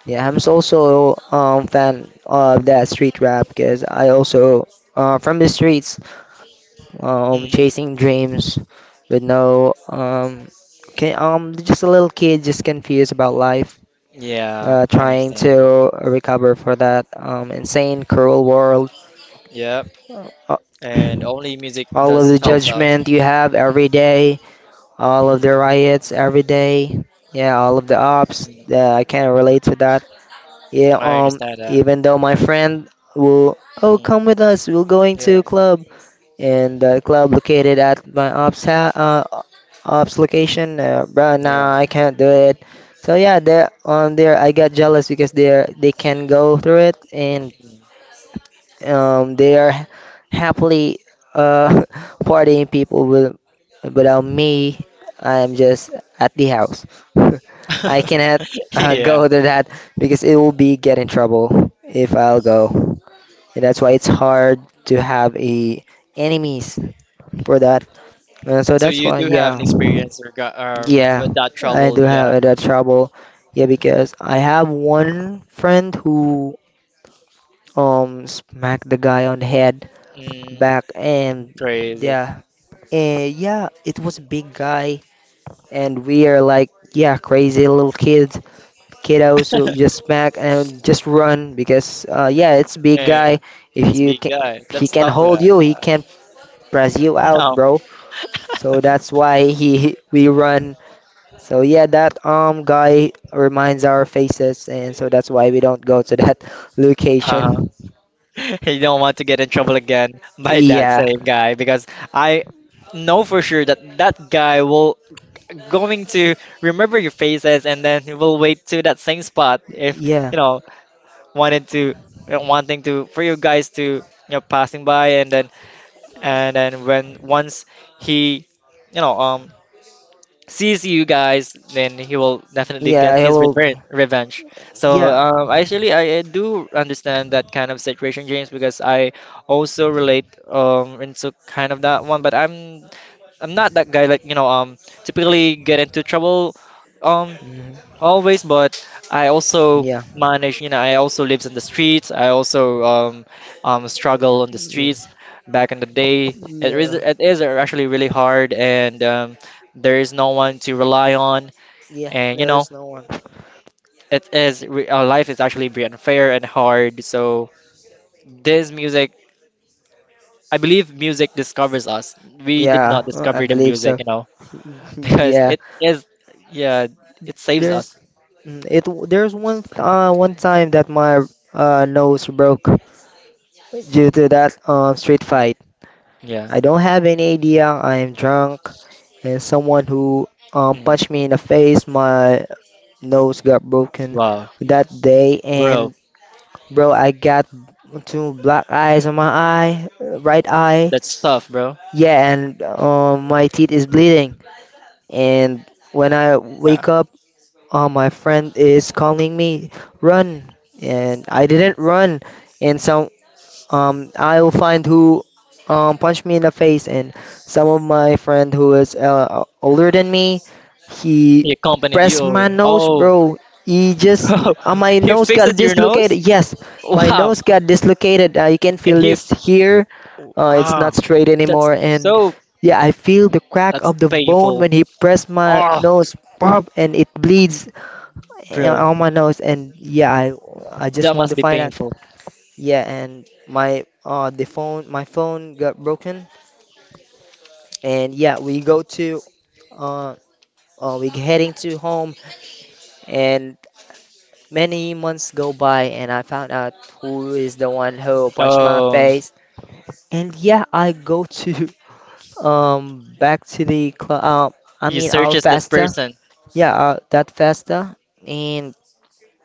Yeah, also fan of that street rap because I also from the streets. Um, Mm, chasing dreams with no can, just a little kid just confused about life yeah, I trying understand. to recover for that insane cruel world. Yep, Uh, and only music all of does the helps us. judgment you have every day, all of the Mm, riots every day, yeah, all of the ops, mm, yeah, I can not relate to that, yeah. I Um, understand that. even though my friend will oh Mm, come with us, we're going yeah, to club. In the club located at my mm, ops location. Bro, yeah, nah, I can't do it. So yeah, there on there, I got jealous because they are they can go through it, and mm. They are happily uh partying people with without me. I am just at the house. I cannot Yeah, go to that because it will be get in trouble if I'll go. And that's why it's hard to have a enemies for that. And so so that's you why, do have an yeah, experience or got yeah, with that I trouble, do yeah. have that trouble. Yeah, because I have one friend who smacked the guy on the head Mm, back, crazy. yeah, and yeah, it was a big guy, and we are like yeah, crazy little kids, kiddos who just smack and just run because Mm, yeah, it's big yeah, yeah. guy. If That's you big can, guy. he That's can tough hold guy. you, he Yeah. can press you out, No. bro. So that's why he we run. So yeah, that guy reminds our faces, and so that's why we don't go to that Uh-huh. location. You don't want to get in trouble again by that Yeah, same guy because I know for sure that that guy will going to remember your faces and then he will wait to that same spot if yeah, you know wanted to wanting to for you guys to passing by and then when once he you know um sees you guys then he will definitely yeah. get I his will. rever revenge. So Yeah, actually I do understand that kind of situation, James, because I also relate into kind of that one, but I'm not that guy like typically get into trouble um mhm, always, but I also yeah, manage, you know, I also lives in the streets. I also struggle on the mm, streets back in the day. It is yeah, it is actually really hard, and there is no one to rely on, yeah. and you know, There's no one. Life is actually very unfair and hard. So this music, I believe, music discovers us. We did not Yeah, I discover the believe music, so. you know, because Yeah, it is, yeah, it saves there's us. mm, it. W- There's one one time that my nose broke due to that street Mm, fight. yeah. I don't have any idea. I am drunk, and someone who Mm. punched me in the face. My nose got broken Wow, that day, bro. and bro, I got two black eyes on my eye, right eye. That's tough, bro. Yeah, and my teeth is bleeding. And when I Yeah. wake up, my friend is calling me, run. And I Mm. didn't run. And some I will find who punched me in the face, and some of my friend who is older than me, he He accompanied you pressed or my nose, oh, bro. He just bro, my he nose got fixes your nose. dislocated. Yes, my Wow, nose got dislocated. You can and feel he this f- here. It's ah, not straight that's anymore, and so yeah, I feel the crack that's of the bone painful. when he pressed my Ah, nose, pop, and it bleeds bro, on my nose. And yeah, I just that want must to be find out. painful. Yeah, and my phone got broken and yeah, we go to uh, we heading to home and many months go by and I found out who is the one who punched my Oh, face. And yeah, I go to back to the club I you mean our searches this festa. person Yeah, that festa and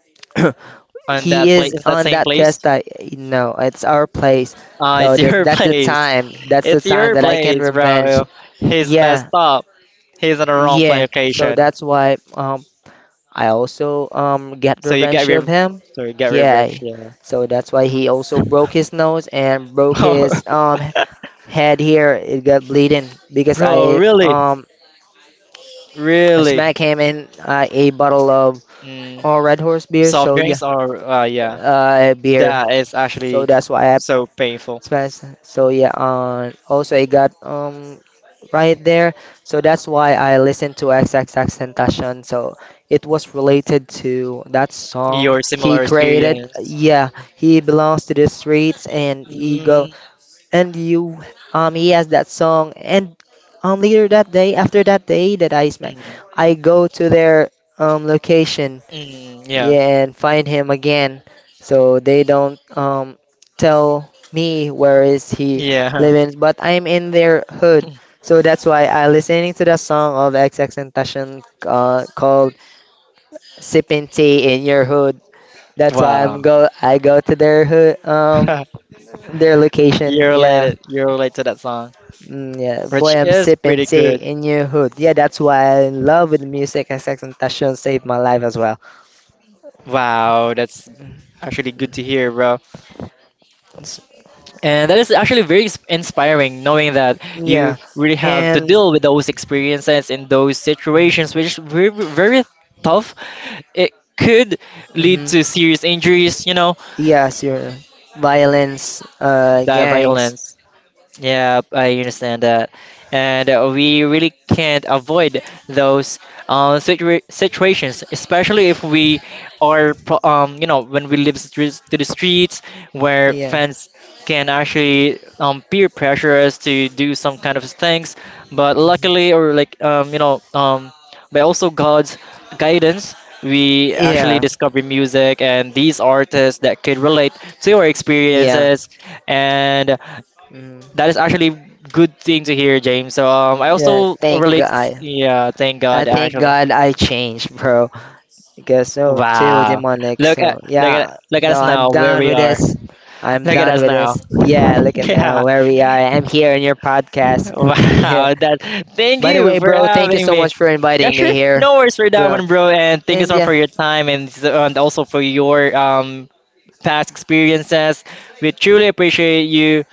on that he place, is that on same that place. fiesta. No, it's our place. Ah, So it's your that's the place. time. That's the It's time your that I can place, revenge. bro. He's messed Yeah, up. He's on the wrong play yeah. So occasion. that's why I also get So you get revenge re- of him. so you get Yeah. revenge. Yeah. So that's why he also broke his nose and broke his head here. It got bleeding because Bro, I really, really. smacked him in a bottle of Mm. Red Horse beer. Soft So yeah, drinks are, yeah, beer. that is So actually that's why I so painful. Spence. So yeah, also I got right there. So that's why I listened to XXX Tentacion. So it was related to that song Your he similar created. experience. Yeah, he belongs to the streets and ego. Mm, And you, he has that song. And later that day, after that day that I smack, mm, I go to their location, mm, yeah, yeah, and find him again. So they don't tell me where is he yeah. living, but I'm in their hood. So that's why I listening to the song of XX Tentacion called "Sipping Tea in Your Hood." That's why I'm Wow. go. I go to their hood, you their location. Yeah, you are related to that song, mm, yeah. which Boy, I'm is sipping pretty tea good. in your hood. Yeah, that's why I am in love with music. XX Tentacion saved my life as well. Wow, that's Mm, actually good to mm. hear, bro. Mm. And that is actually very inspiring, knowing that you Yeah. really have to And deal with those experiences in those mm-hmm. situations, which is very, very tough. It could lead to serious injuries, you know, Yes, your violence, the gangs. violence. Yeah, I understand that. And we really can't avoid those situations, especially if we are, you know, when we live streets to the streets where Yeah. fans can actually peer pressure us to do some kind of things. But luckily, Mhm. or like, by also God's guidance, we actually Yeah. discover music and these artists that could relate to our Yeah. experiences. And Mm. that is actually good thing to hear, James. So I Yeah. also Thank relate. God. Yeah, thank I God, thank actually. God I changed, bro. Because so too Wow. demonic. Look at So look at yeah. look at No, us I'm now, where done we with are. this. I'm Look at done us with now. this. Yeah. Look at now Yeah. where we are. I'm here in your podcast. Yeah. Wow. That. Thank By the you way, for bro, thank you having so me. much for Yeah, inviting me sure. here, No worries for that bro. one, bro. And thank you And so much yeah. for your time and, and also for your past experiences. We truly appreciate you.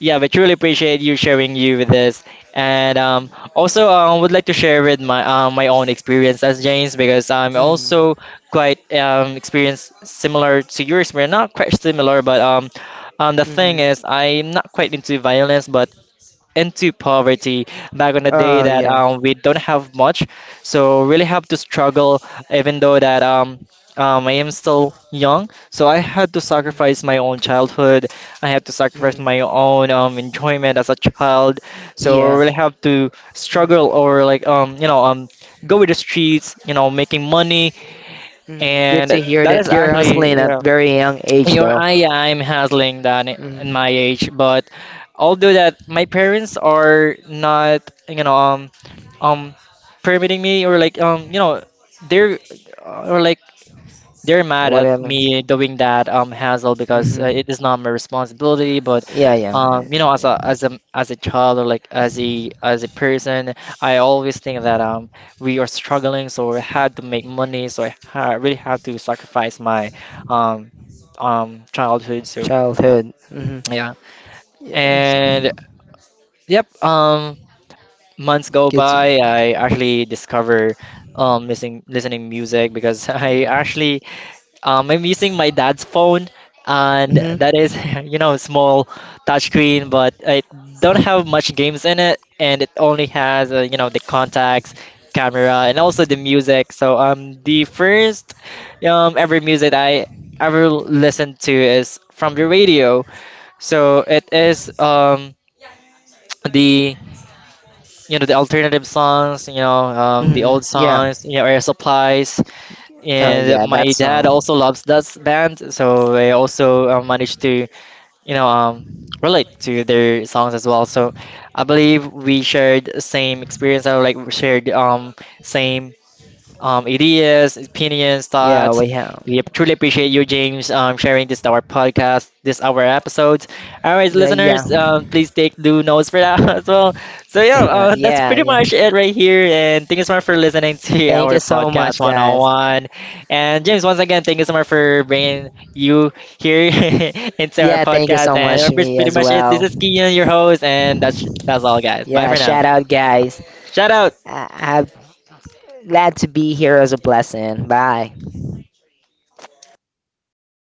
Yeah, we truly appreciate you sharing you with us, and also I would like to share with my my own experience as James because I'm Mm-hmm. also quite experienced similar to yours. We're not quite similar, but the thing Mm-hmm. is I'm not quite into violence, but into poverty back on the day that Yeah. We don't have much, so really have to struggle even though that I am still young, so I had to Hmm. sacrifice my own childhood. I had to sacrifice Hmm. my own enjoyment as a child, so I Yeah. really have to struggle or like go with the streets, you know, making money. Mm-hmm. Good And to hear that is that you're actually hustling at yeah very young age, though. Yeah, I'm handling that Hmm. in my age, but although that my parents are not, you know, um, permitting me or like, they're or like they're mad What at me else? doing that hassle because Mm-hmm. it is not my responsibility. But Yeah, yeah. You know, as a child or like as a person, I always think that we are struggling, so I had to make money, so I ha really had to sacrifice my um childhood. So Childhood. Mm-hmm. yeah, Yeah, and so and yep, months go good to. by, I actually discover listening music because I actually Mm-hmm. I'm using my dad's phone, and that is, you know, small touchscreen, but I don't have much games in it, and it only has, you know, the contacts, camera, and also the music. So the first ever music I ever listened to is from the radio. So it is the you know the alternative songs, you know, the old Mm-hmm. Yeah. songs, you know, air supplies, Oh, and yeah. That my dad song. also loves that band, so I also managed to, you know, relate to their songs as well. So I believe we shared same experience, or like we shared same ideas, opinions, Yeah, thoughts. we have. We truly appreciate you, James, sharing this our podcast, this our episodes. All right, Yeah. listeners, please take do notes for that as well. So yeah, that's Yeah, pretty yeah. much it right here. And thank you so much for listening to Thank you our so podcast much, guys. 101. And James, once again, thank you so much for bringing you here into our Yeah, thank you podcast. so And much to that's me pretty as much it. This well. is Kian, your host, and that's all, guys. Bye Yeah, for now. shout out, guys. Shout out. I have glad to be here as a blessing. Bye.